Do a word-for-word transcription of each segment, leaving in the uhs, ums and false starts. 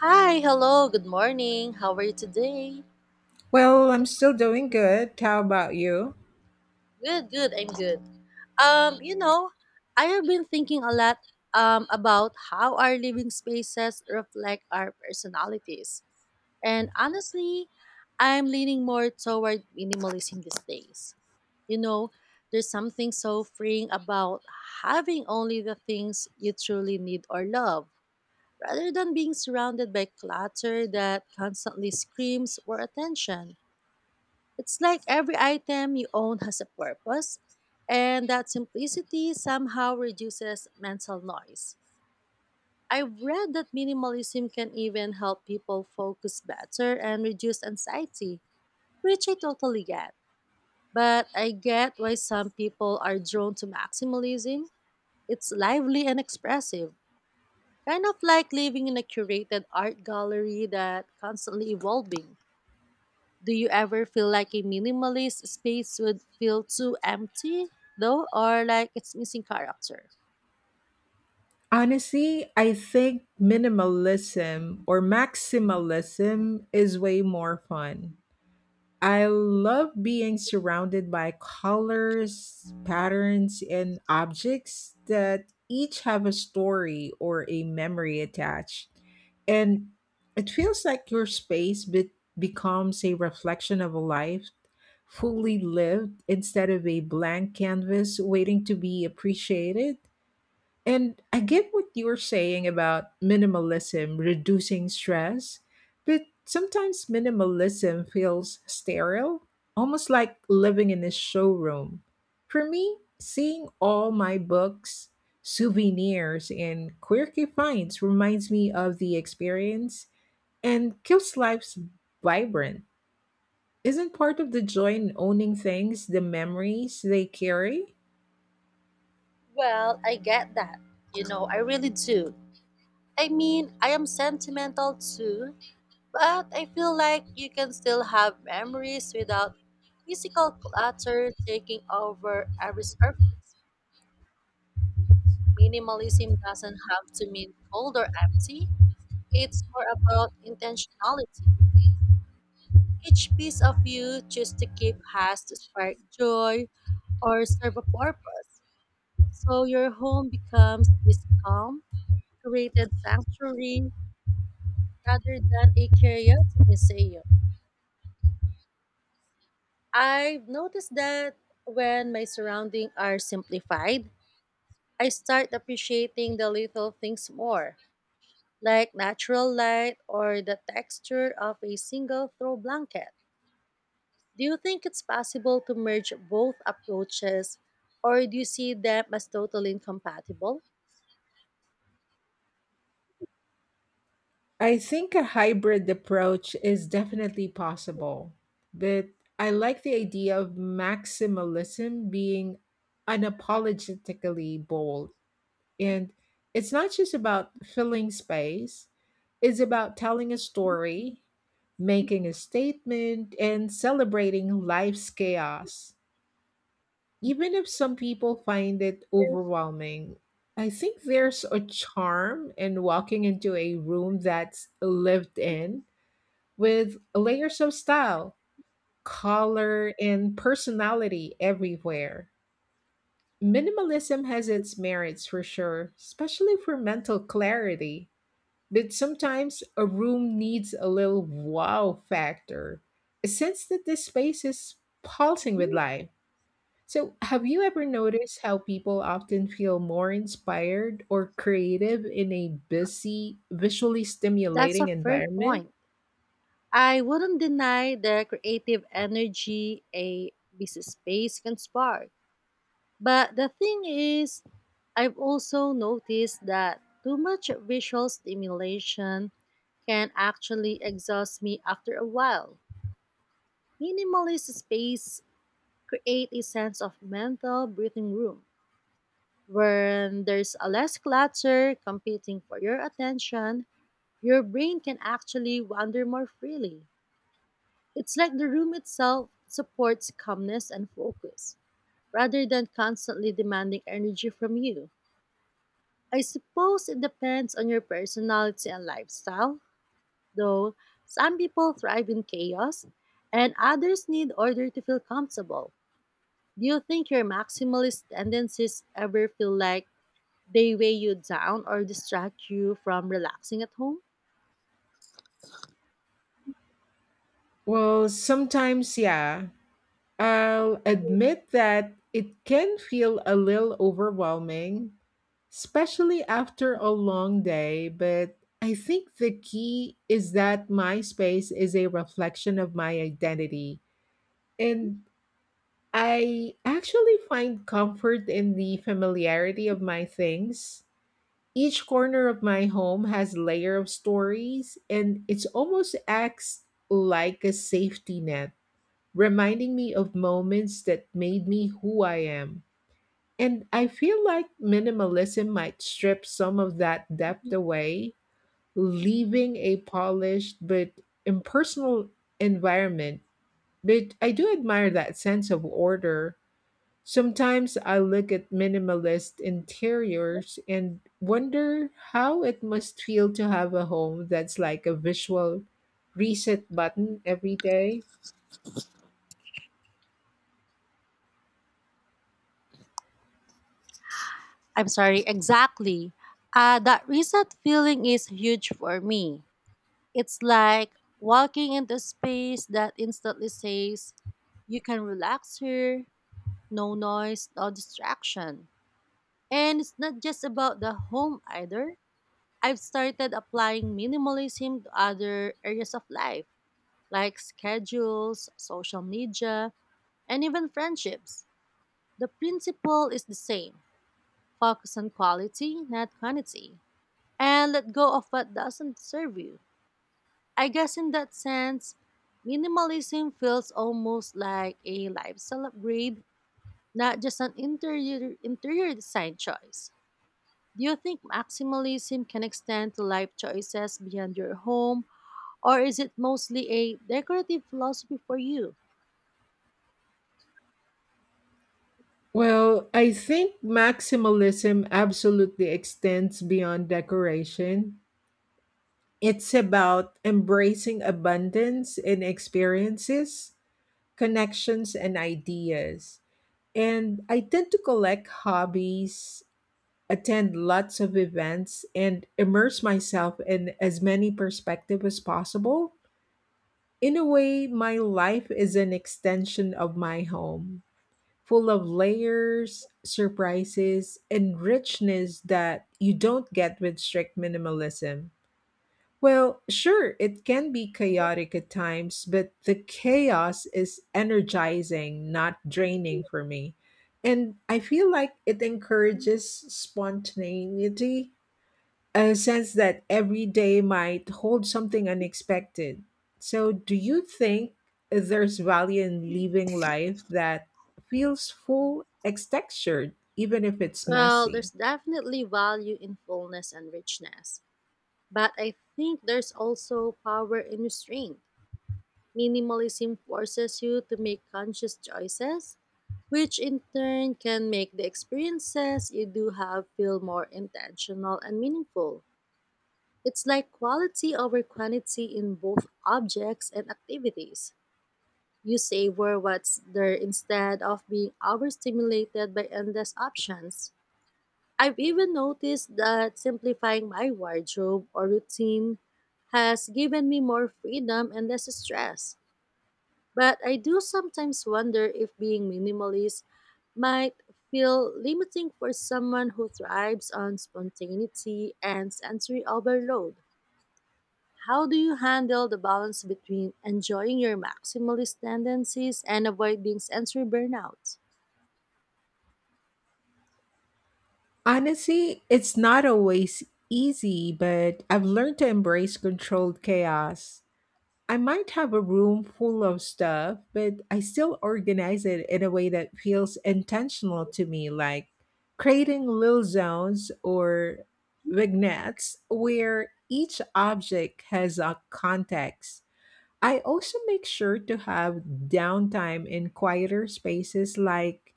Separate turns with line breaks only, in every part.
Hi, hello, good morning. How are you today?
Well, I'm still doing good. How about you?
Good, good, I'm good. Um, you know, I have been thinking a lot um about how our living spaces reflect our personalities. And honestly, I'm leaning more toward minimalism these days. You know, there's something so freeing about having only the things you truly need or love, rather than being surrounded by clutter that constantly screams for attention. It's like every item you own has a purpose, and that simplicity somehow reduces mental noise. I've read that minimalism can even help people focus better and reduce anxiety, which I totally get. But I get why some people are drawn to maximalism. It's lively and expressive, kind of like living in a curated art gallery that constantly evolving. Do you ever feel like a minimalist space would feel too empty, though, or like it's missing character?
Honestly, I think minimalism or maximalism is way more fun. I love being surrounded by colors, patterns, and objects that each have a story or a memory attached. And it feels like your space be- becomes a reflection of a life fully lived instead of a blank canvas waiting to be appreciated. And I get what you are saying about minimalism reducing stress, but sometimes minimalism feels sterile, almost like living in a showroom. For me, seeing all my books, souvenirs, and quirky finds reminds me of the experience and keeps life vibrant. Isn't part of the joy in owning things the memories they carry?
Well, I get that. You know, I really do. I mean, I am sentimental too, but I feel like you can still have memories without physical clutter taking over every surface. Minimalism doesn't have to mean cold or empty, it's more about intentionality. Each piece of you choose to keep has to spark joy or serve a purpose. So your home becomes this calm, created sanctuary rather than a chaotic museum. I've noticed that when my surroundings are simplified, I start appreciating the little things more, like natural light or the texture of a single throw blanket. Do you think it's possible to merge both approaches, or do you see them as totally incompatible?
I think a hybrid approach is definitely possible, but I like the idea of maximalism being unapologetically bold. And it's not just about filling space, it's about telling a story, making a statement, and celebrating life's chaos. Even if some people find it overwhelming, I think there's a charm in walking into a room that's lived in with layers of style, color, and personality everywhere. Minimalism has its merits for sure, especially for mental clarity. But sometimes a room needs a little wow factor, a sense that this space is pulsing with life. So, have you ever noticed how people often feel more inspired or creative in a busy, visually
That's a
stimulating
fair
environment?
point. I wouldn't deny the creative energy a busy space can spark. But the thing is, I've also noticed that too much visual stimulation can actually exhaust me after a while. Minimalist space create a sense of mental breathing room. When there's a less clutter competing for your attention, your brain can actually wander more freely. It's like the room itself supports calmness and focus, rather than constantly demanding energy from you. I suppose it depends on your personality and lifestyle, though some people thrive in chaos and others need order to feel comfortable. Do you think your maximalist tendencies ever feel like they weigh you down or distract you from relaxing at home?
Well, sometimes, yeah. I'll admit that it can feel a little overwhelming, especially after a long day, but I think the key is that my space is a reflection of my identity. And I actually find comfort in the familiarity of my things. Each corner of my home has layer of stories and it's almost acts like a safety net, reminding me of moments that made me who I am. And I feel like minimalism might strip some of that depth away, leaving a polished but impersonal environment. But I do admire that sense of order. Sometimes I look at minimalist interiors and wonder how it must feel to have a home that's like a visual reset button every day.
I'm sorry, exactly. Uh, that reset feeling is huge for me. It's like walking into space that instantly says, you can relax here, no noise, no distraction. And it's not just about the home either. I've started applying minimalism to other areas of life, like schedules, social media, and even friendships. The principle is the same: focus on quality, not quantity, and let go of what doesn't serve you. I guess in that sense, minimalism feels almost like a lifestyle upgrade, not just an interior, interior design choice. Do you think maximalism can extend to life choices beyond your home, or is it mostly a decorative philosophy for you?
Well, I think maximalism absolutely extends beyond decoration. It's about embracing abundance in experiences, connections, and ideas. And I tend to collect hobbies, attend lots of events, and immerse myself in as many perspectives as possible. In a way, my life is an extension of my home, full of layers, surprises, and richness that you don't get with strict minimalism. Well, sure, it can be chaotic at times, but the chaos is energizing, not draining for me. And I feel like it encourages spontaneity, a sense that every day might hold something unexpected. So, do you think there's value in living life that feels full, ex- textured, even if it's
Well,
messy?
there's definitely value in fullness and richness. But I think there's also power in restraint. Minimalism forces you to make conscious choices, which in turn can make the experiences you do have feel more intentional and meaningful. It's like quality over quantity in both objects and activities. You savor what's there instead of being overstimulated by endless options. I've even noticed that simplifying my wardrobe or routine has given me more freedom and less stress. But I do sometimes wonder if being minimalist might feel limiting for someone who thrives on spontaneity and sensory overload. How do you handle the balance between enjoying your maximalist tendencies and avoiding sensory burnout?
Honestly, it's not always easy, but I've learned to embrace controlled chaos. I might have a room full of stuff, but I still organize it in a way that feels intentional to me, like creating little zones or vignettes where each object has a context. I also make sure to have downtime in quieter spaces like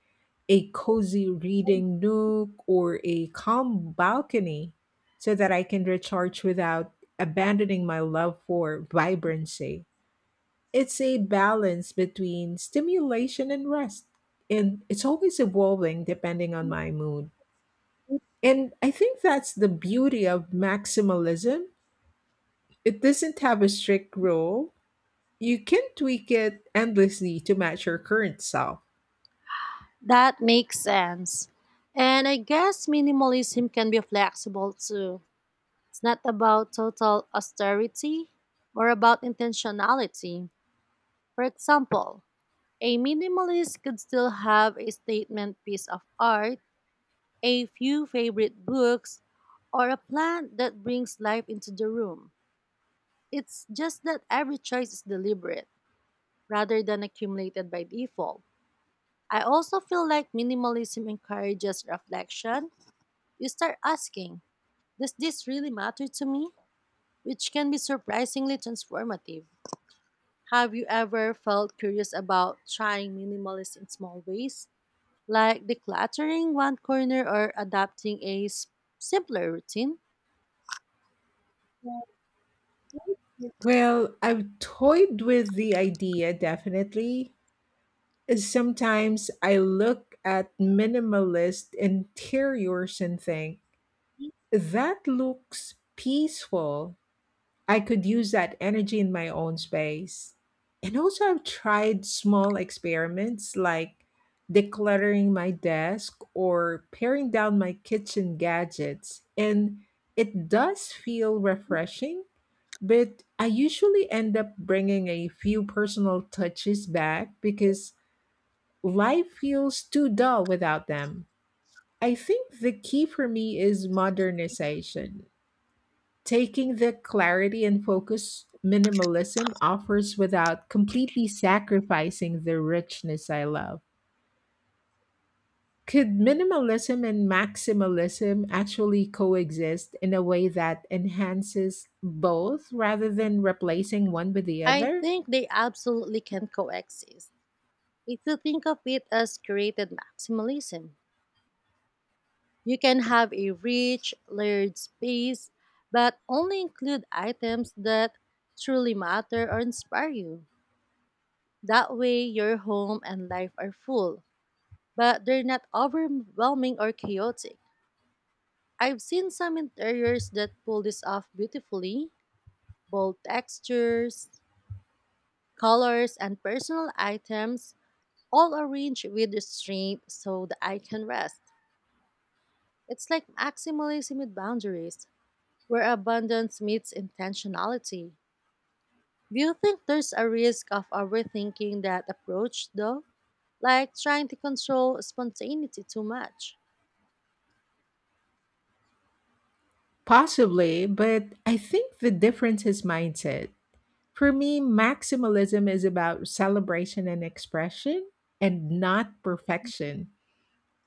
a cozy reading nook or a calm balcony so that I can recharge without abandoning my love for vibrancy. It's a balance between stimulation and rest. And it's always evolving depending on my mood. And I think that's the beauty of maximalism. It doesn't have a strict rule. You can tweak it endlessly to match your current self.
That makes sense. And I guess minimalism can be flexible too. It's not about total austerity, more about intentionality. For example, a minimalist could still have a statement piece of art, a few favorite books, or a plant that brings life into the room. It's just that every choice is deliberate rather than accumulated by default. I also feel like minimalism encourages reflection. You start asking, does this really matter to me? Which can be surprisingly transformative. Have you ever felt curious about trying minimalist in small ways, like decluttering one corner or adapting a s- simpler routine?
Well, I've toyed with the idea definitely. Sometimes I look at minimalist interiors and think, that looks peaceful. I could use that energy in my own space. And also, I've tried small experiments like decluttering my desk or paring down my kitchen gadgets, and it does feel refreshing, but I usually end up bringing a few personal touches back because life feels too dull without them. I think the key for me is modernization, taking the clarity and focus minimalism offers without completely sacrificing the richness I love. Could minimalism and maximalism actually coexist in a way that enhances both rather than replacing one with the
I
other?
think they absolutely can coexist. If you think of it as created maximalism, you can have a rich, layered space, but only include items that truly matter or inspire you. That way, your home and life are full, but they're not overwhelming or chaotic. I've seen some interiors that pull this off beautifully: bold textures, colors, and personal items, all arranged with restraint so the eye can rest. It's like maximalism with boundaries, where abundance meets intentionality. Do you think there's a risk of overthinking that approach, though? Like trying to control spontaneity too much?
Possibly, but I think the difference is mindset. For me, maximalism is about celebration and expression and not perfection.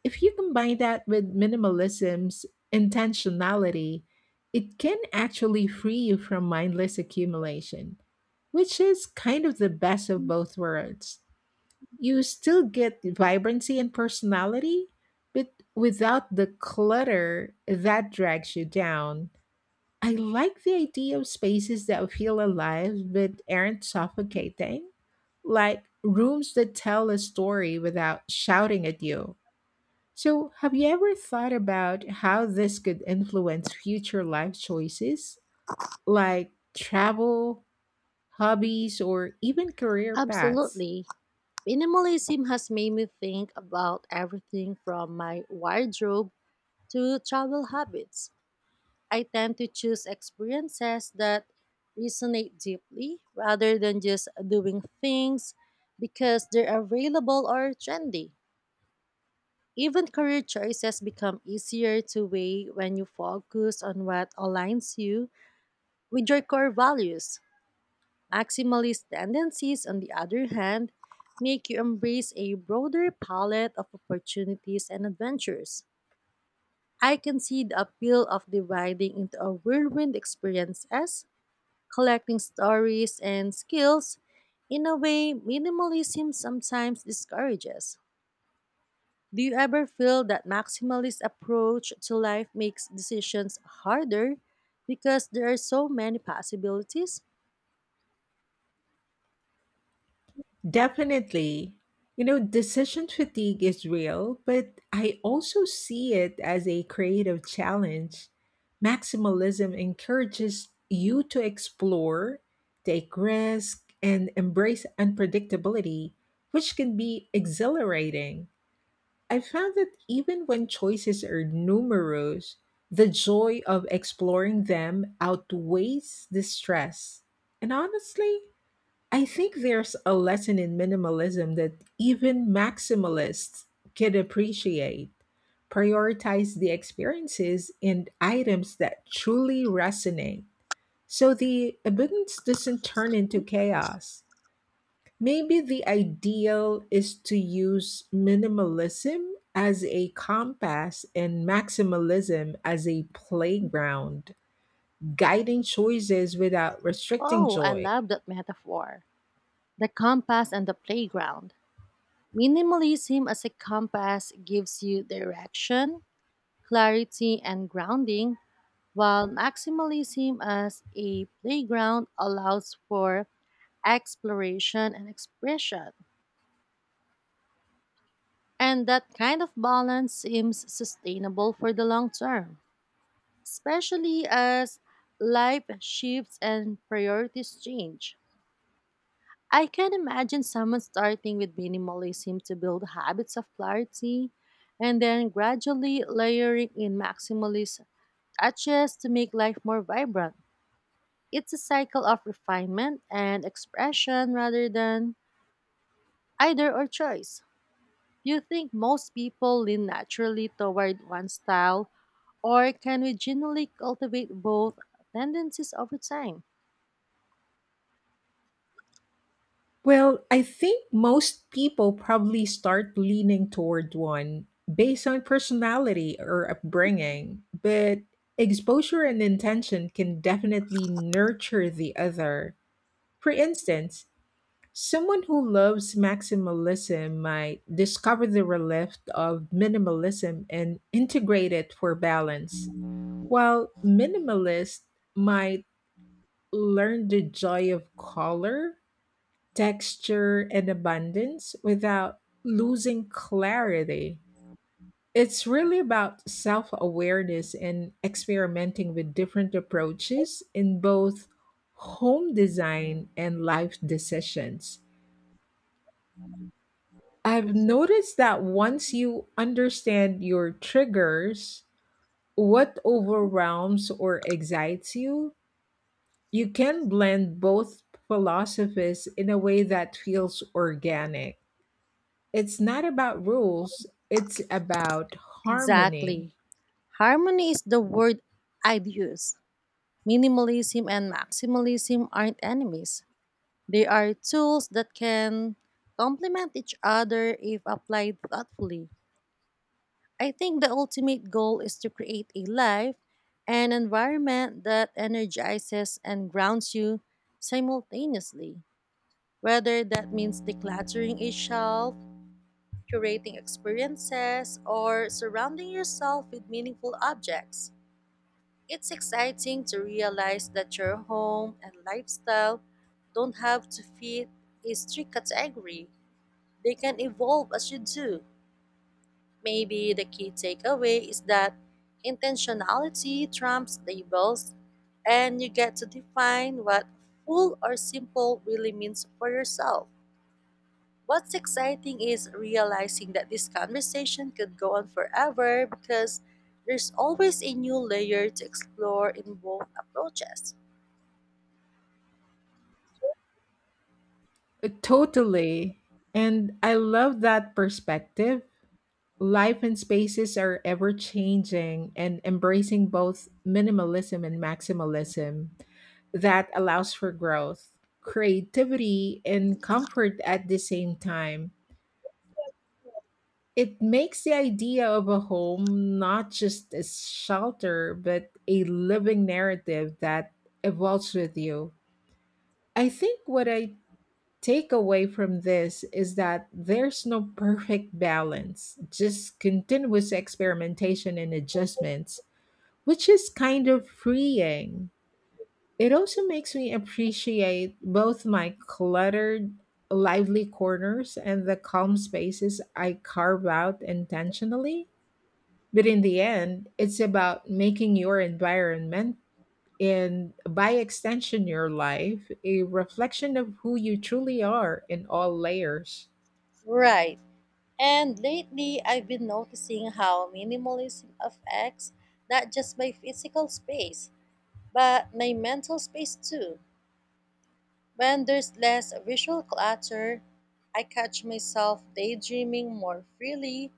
If you combine that with minimalism's intentionality, it can actually free you from mindless accumulation, which is kind of the best of both worlds. You still get vibrancy and personality, but without the clutter that drags you down. I like the idea of spaces that feel alive but aren't suffocating, like rooms that tell a story without shouting at you. So, have you ever thought about how this could influence future life choices, like travel, hobbies, or even career paths?
Absolutely. Minimalism has made me think about everything from my wardrobe to travel habits. I tend to choose experiences that resonate deeply rather than just doing things because they're available or trendy. Even career choices become easier to weigh when you focus on what aligns you with your core values. Maximalist tendencies, on the other hand, make you embrace a broader palette of opportunities and adventures. I can see the appeal of dividing into a whirlwind experiences, collecting stories and skills in a way minimalism sometimes discourages. Do you ever feel that maximalist approach to life makes decisions harder because there are so many possibilities?
Definitely. You know, decision fatigue is real, but I also see it as a creative challenge. Maximalism encourages you to explore, take risk, and embrace unpredictability, which can be exhilarating. I found that even when choices are numerous, the joy of exploring them outweighs the stress. And honestly, I think there's a lesson in minimalism that even maximalists can appreciate. Prioritize the experiences and items that truly resonate, so the abundance doesn't turn into chaos. Maybe the ideal is to use minimalism as a compass and maximalism as a playground, guiding choices without restricting
Oh, I
joy.
love that metaphor. The compass and the playground. Minimalism as a compass gives you direction, clarity, and grounding, while maximalism as a playground allows for exploration and expression. And that kind of balance seems sustainable for the long term, especially as life shifts and priorities change. I can imagine someone starting with minimalism to build habits of clarity and then gradually layering in maximalist touches to make life more vibrant. It's a cycle of refinement and expression rather than either or choice. Do you think most people lean naturally toward one style, or can we genuinely cultivate both tendencies over time?
Well, I think most people probably start leaning toward one based on personality or upbringing, but exposure and intention can definitely nurture the other. For instance, someone who loves maximalism might discover the relief of minimalism and integrate it for balance, while minimalists might learn the joy of color, texture, and abundance without losing clarity. It's really about self awareness and experimenting with different approaches in both home design and life decisions. I've noticed that once you understand your triggers, what overwhelms or excites you, you can blend both philosophies in a way that feels organic. It's not about rules, it's about harmony.
Exactly. Harmony is the word I'd use. Minimalism and maximalism aren't enemies. They are tools that can complement each other if applied thoughtfully. I think the ultimate goal is to create a life and environment that energizes and grounds you simultaneously. Whether that means decluttering a shelf, curating experiences, or surrounding yourself with meaningful objects. It's exciting to realize that your home and lifestyle don't have to fit a strict category. They can evolve as you do. Maybe the key takeaway is that intentionality trumps labels, and you get to define what full or simple really means for yourself. What's exciting is realizing that this conversation could go on forever because there's always a new layer to explore in both approaches.
Uh, Totally. And I love that perspective. Life and spaces are ever changing, and embracing both minimalism and maximalism that allows for growth, creativity, and comfort at the same time. It makes the idea of a home not just a shelter, but a living narrative that evolves with you. I think what I take away from this is that there's no perfect balance, just continuous experimentation and adjustments, which is kind of freeing. It also makes me appreciate both my cluttered, lively corners and the calm spaces I carve out intentionally. But in the end, it's about making your environment, and by extension, your life, a reflection of who you truly are in all layers.
Right. And lately, I've been noticing how minimalism affects not just my physical space, but my mental space too. When there's less visual clutter, I catch myself daydreaming more freely,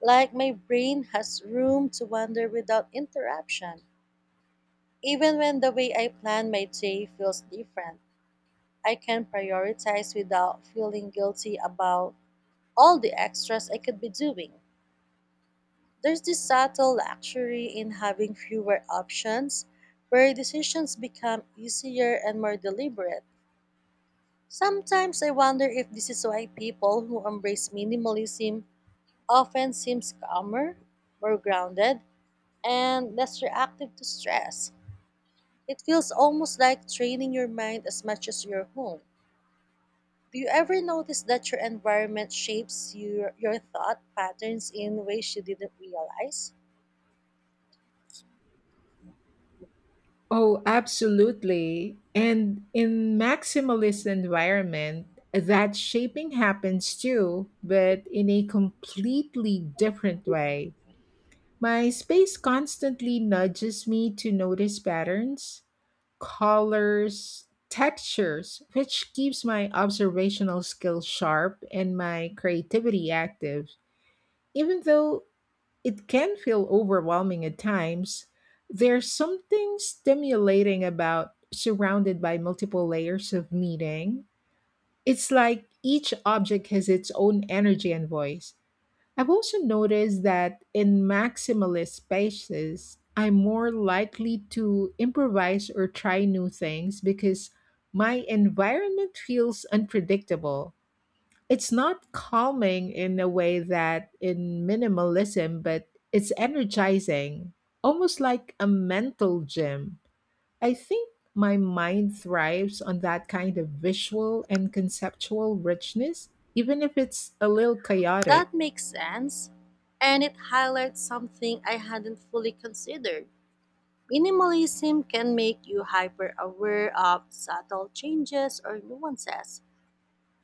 like my brain has room to wander without interruption. Even when the way I plan my day feels different, I can prioritize without feeling guilty about all the extras I could be doing. There's this subtle luxury in having fewer options, where decisions become easier and more deliberate. Sometimes I wonder if this is why people who embrace minimalism often seems calmer, more grounded, and less reactive to stress. It feels almost like training your mind as much as your home. Do you ever notice that your environment shapes your, your thought patterns in ways you didn't realize?
Oh, absolutely. And in maximalist environment, that shaping happens too, but in a completely different way. My space constantly nudges me to notice patterns, colors, textures, which keeps my observational skills sharp and my creativity active. Even though it can feel overwhelming at times, there's something stimulating about surrounded by multiple layers of meaning. It's like each object has its own energy and voice. I've also noticed that in maximalist spaces, I'm more likely to improvise or try new things because my environment feels unpredictable. It's not calming in a way that in minimalism, but it's energizing, almost like a mental gym. I think my mind thrives on that kind of visual and conceptual richness, even if it's a little chaotic.
That makes sense, and it highlights something I hadn't fully considered. Minimalism can make you hyper aware of subtle changes or nuances,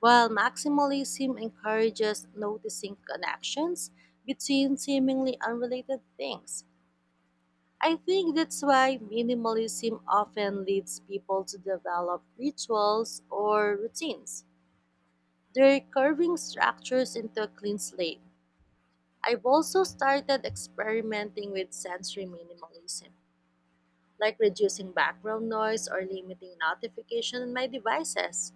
while maximalism encourages noticing connections between seemingly unrelated things. I think that's why minimalism often leads people to develop rituals or routines. They're carving structures into a clean slate. I've also started experimenting with sensory minimalism, like reducing background noise or limiting notification on my devices.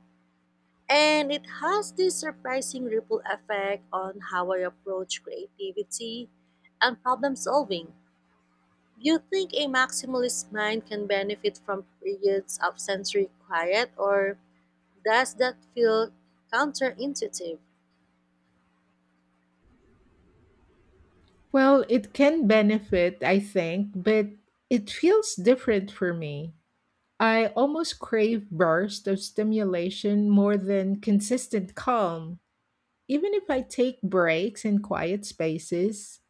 And it has this surprising ripple effect on how I approach creativity and problem solving. Do you think a maximalist mind can benefit from periods of sensory quiet, or does that feel counterintuitive?
Well, it can benefit, I think, but it feels different for me. I almost crave bursts of stimulation more than consistent calm. Even if I take breaks in quiet spaces,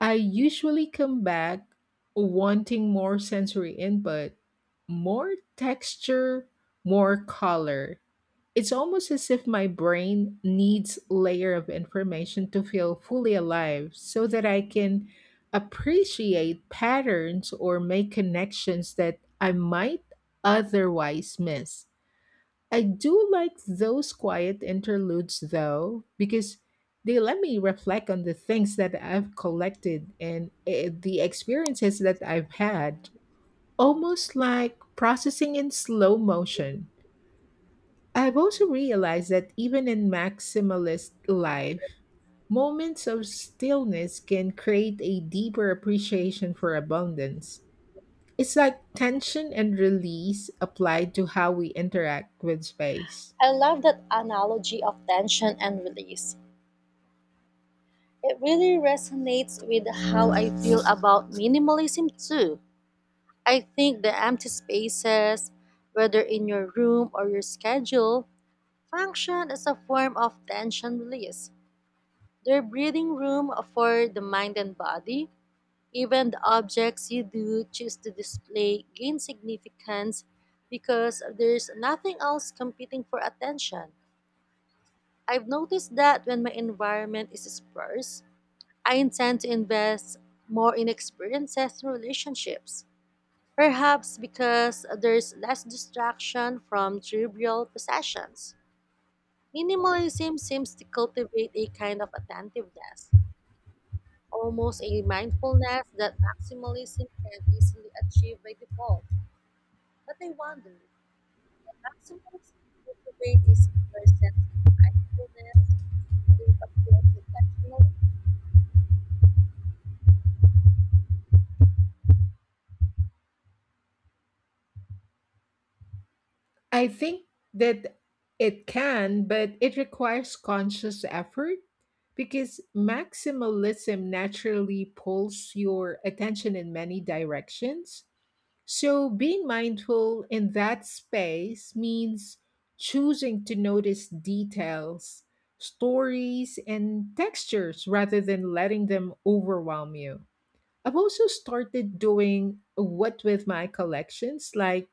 I usually come back wanting more sensory input, more texture, more color. It's almost as if my brain needs layer of information to feel fully alive so that I can appreciate patterns or make connections that I might otherwise miss. I do like those quiet interludes though, because they let me reflect on the things that I've collected and eh, the experiences that I've had, almost like processing in slow motion. I've also realized that even in maximalist life, moments of stillness can create a deeper appreciation for abundance. It's like tension and release applied to how we interact with space.
I love that analogy of tension and release. It really resonates with how I feel about minimalism too. I think the empty spaces, whether in your room or your schedule, function as a form of tension release. They're breathing room for the mind and body. Even the objects you do choose to display gain significance because there's nothing else competing for attention. I've noticed that when my environment is sparse, I intend to invest more in experiences and relationships, perhaps because there's less distraction from trivial possessions. Minimalism seems to cultivate a kind of attentiveness, almost a mindfulness that maximalism can easily achieve by default. But I wonder, can maximalism cultivate a similar sense of mindfulness if approached intentionally?
I think that it can, but it requires conscious effort because maximalism naturally pulls your attention in many directions. So, being mindful in that space means choosing to notice details, stories, and textures rather than letting them overwhelm you. I've also started doing what with my collections, like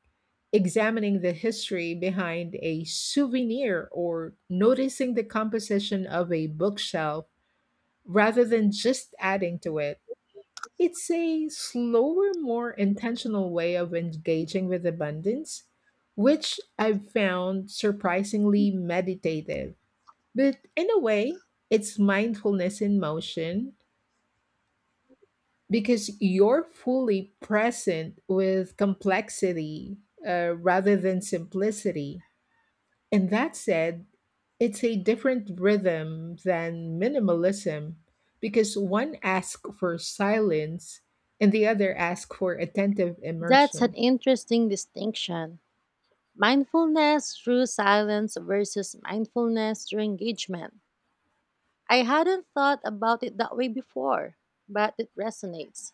examining the history behind a souvenir or noticing the composition of a bookshelf rather than just adding to it. It's a slower, more intentional way of engaging with abundance, which I've found surprisingly meditative. But in a way, it's mindfulness in motion because you're fully present with complexity, uh, rather than simplicity. And that said, it's a different rhythm than minimalism because one asks for silence and the other asks for attentive
That's an
immersion.
interesting distinction. Mindfulness through silence versus mindfulness through engagement. I hadn't thought about it that way before, but it resonates.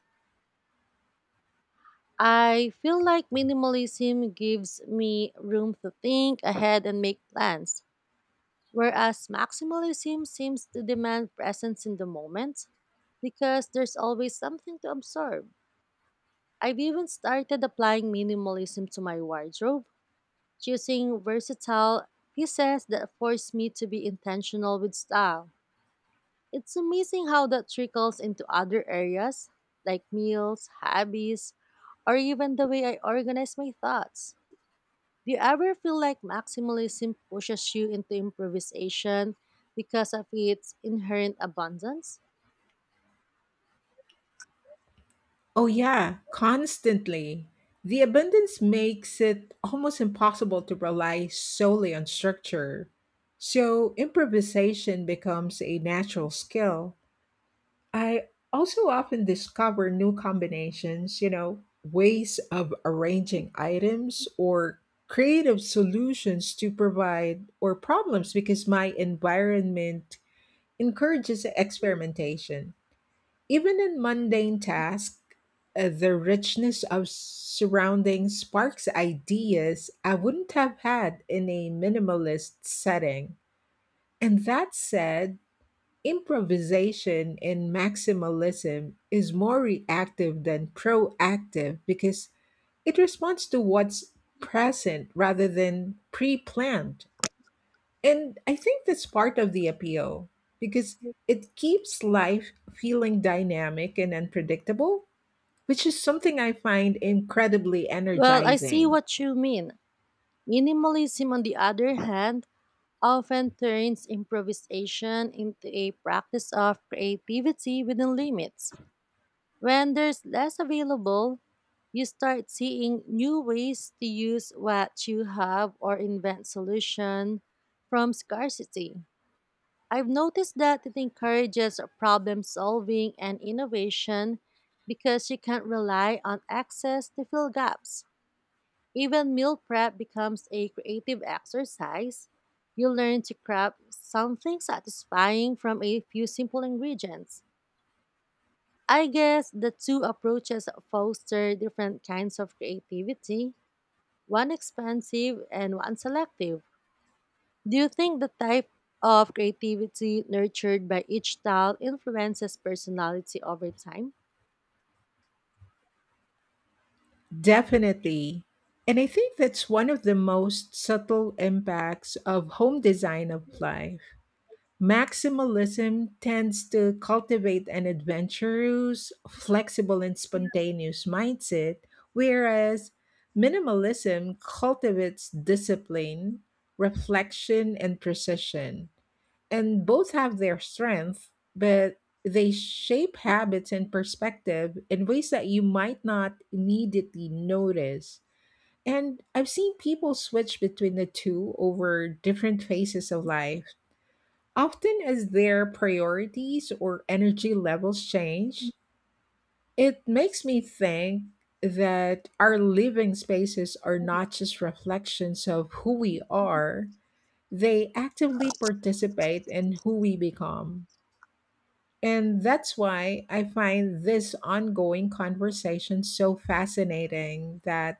I feel like minimalism gives me room to think ahead and make plans, whereas maximalism seems to demand presence in the moment because there's always something to absorb. I've even started applying minimalism to my wardrobe, choosing versatile pieces that force me to be intentional with style. It's amazing how that trickles into other areas like meals, hobbies, or even the way I organize my thoughts. Do you ever feel like maximalism pushes you into improvisation because of its inherent abundance?
Oh, yeah, constantly. The abundance makes it almost impossible to rely solely on structure. So, improvisation becomes a natural skill. I also often discover new combinations, you know, ways of arranging items or creative solutions to provide or problems because my environment encourages experimentation. Even in mundane tasks, uh, the richness of surroundings sparks ideas I wouldn't have had in a minimalist setting. And that said, improvisation in maximalism is more reactive than proactive because it responds to what's present rather than pre planned. And I think that's part of the appeal because it keeps life feeling dynamic and unpredictable, which is something I find incredibly
Well, I see
energizing.
what you mean. Minimalism, on the other hand, often turns improvisation into a practice of creativity within limits. When there's less available, you start seeing new ways to use what you have or invent solution from scarcity. I've noticed that it encourages problem solving and innovation because you can't rely on access to fill gaps. Even meal prep becomes a creative exercise. You learn to craft something satisfying from a few simple ingredients. I guess the two approaches foster different kinds of creativity, one expansive and one selective. Do you think the type of creativity nurtured by each style influences personality over time?
Definitely. And I think that's one of the most subtle impacts of home design applied. Maximalism tends to cultivate an adventurous, flexible, and spontaneous mindset, whereas minimalism cultivates discipline, reflection, and precision. And both have their strengths, but they shape habits and perspective in ways that you might not immediately notice. And I've seen people switch between the two over different phases of life. Often, as their priorities or energy levels change, it makes me think that our living spaces are not just reflections of who we are, they actively participate in who we become. And that's why I find this ongoing conversation so fascinating, that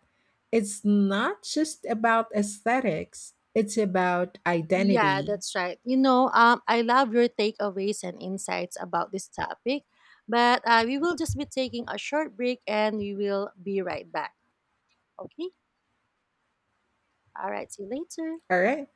it's not just about aesthetics, it's about
Yeah,
identity.
that's right. You know, um, I love your takeaways and insights about this topic, but uh, we will just be taking a short break and we will be right back. Okay? All right, see you later.
All right.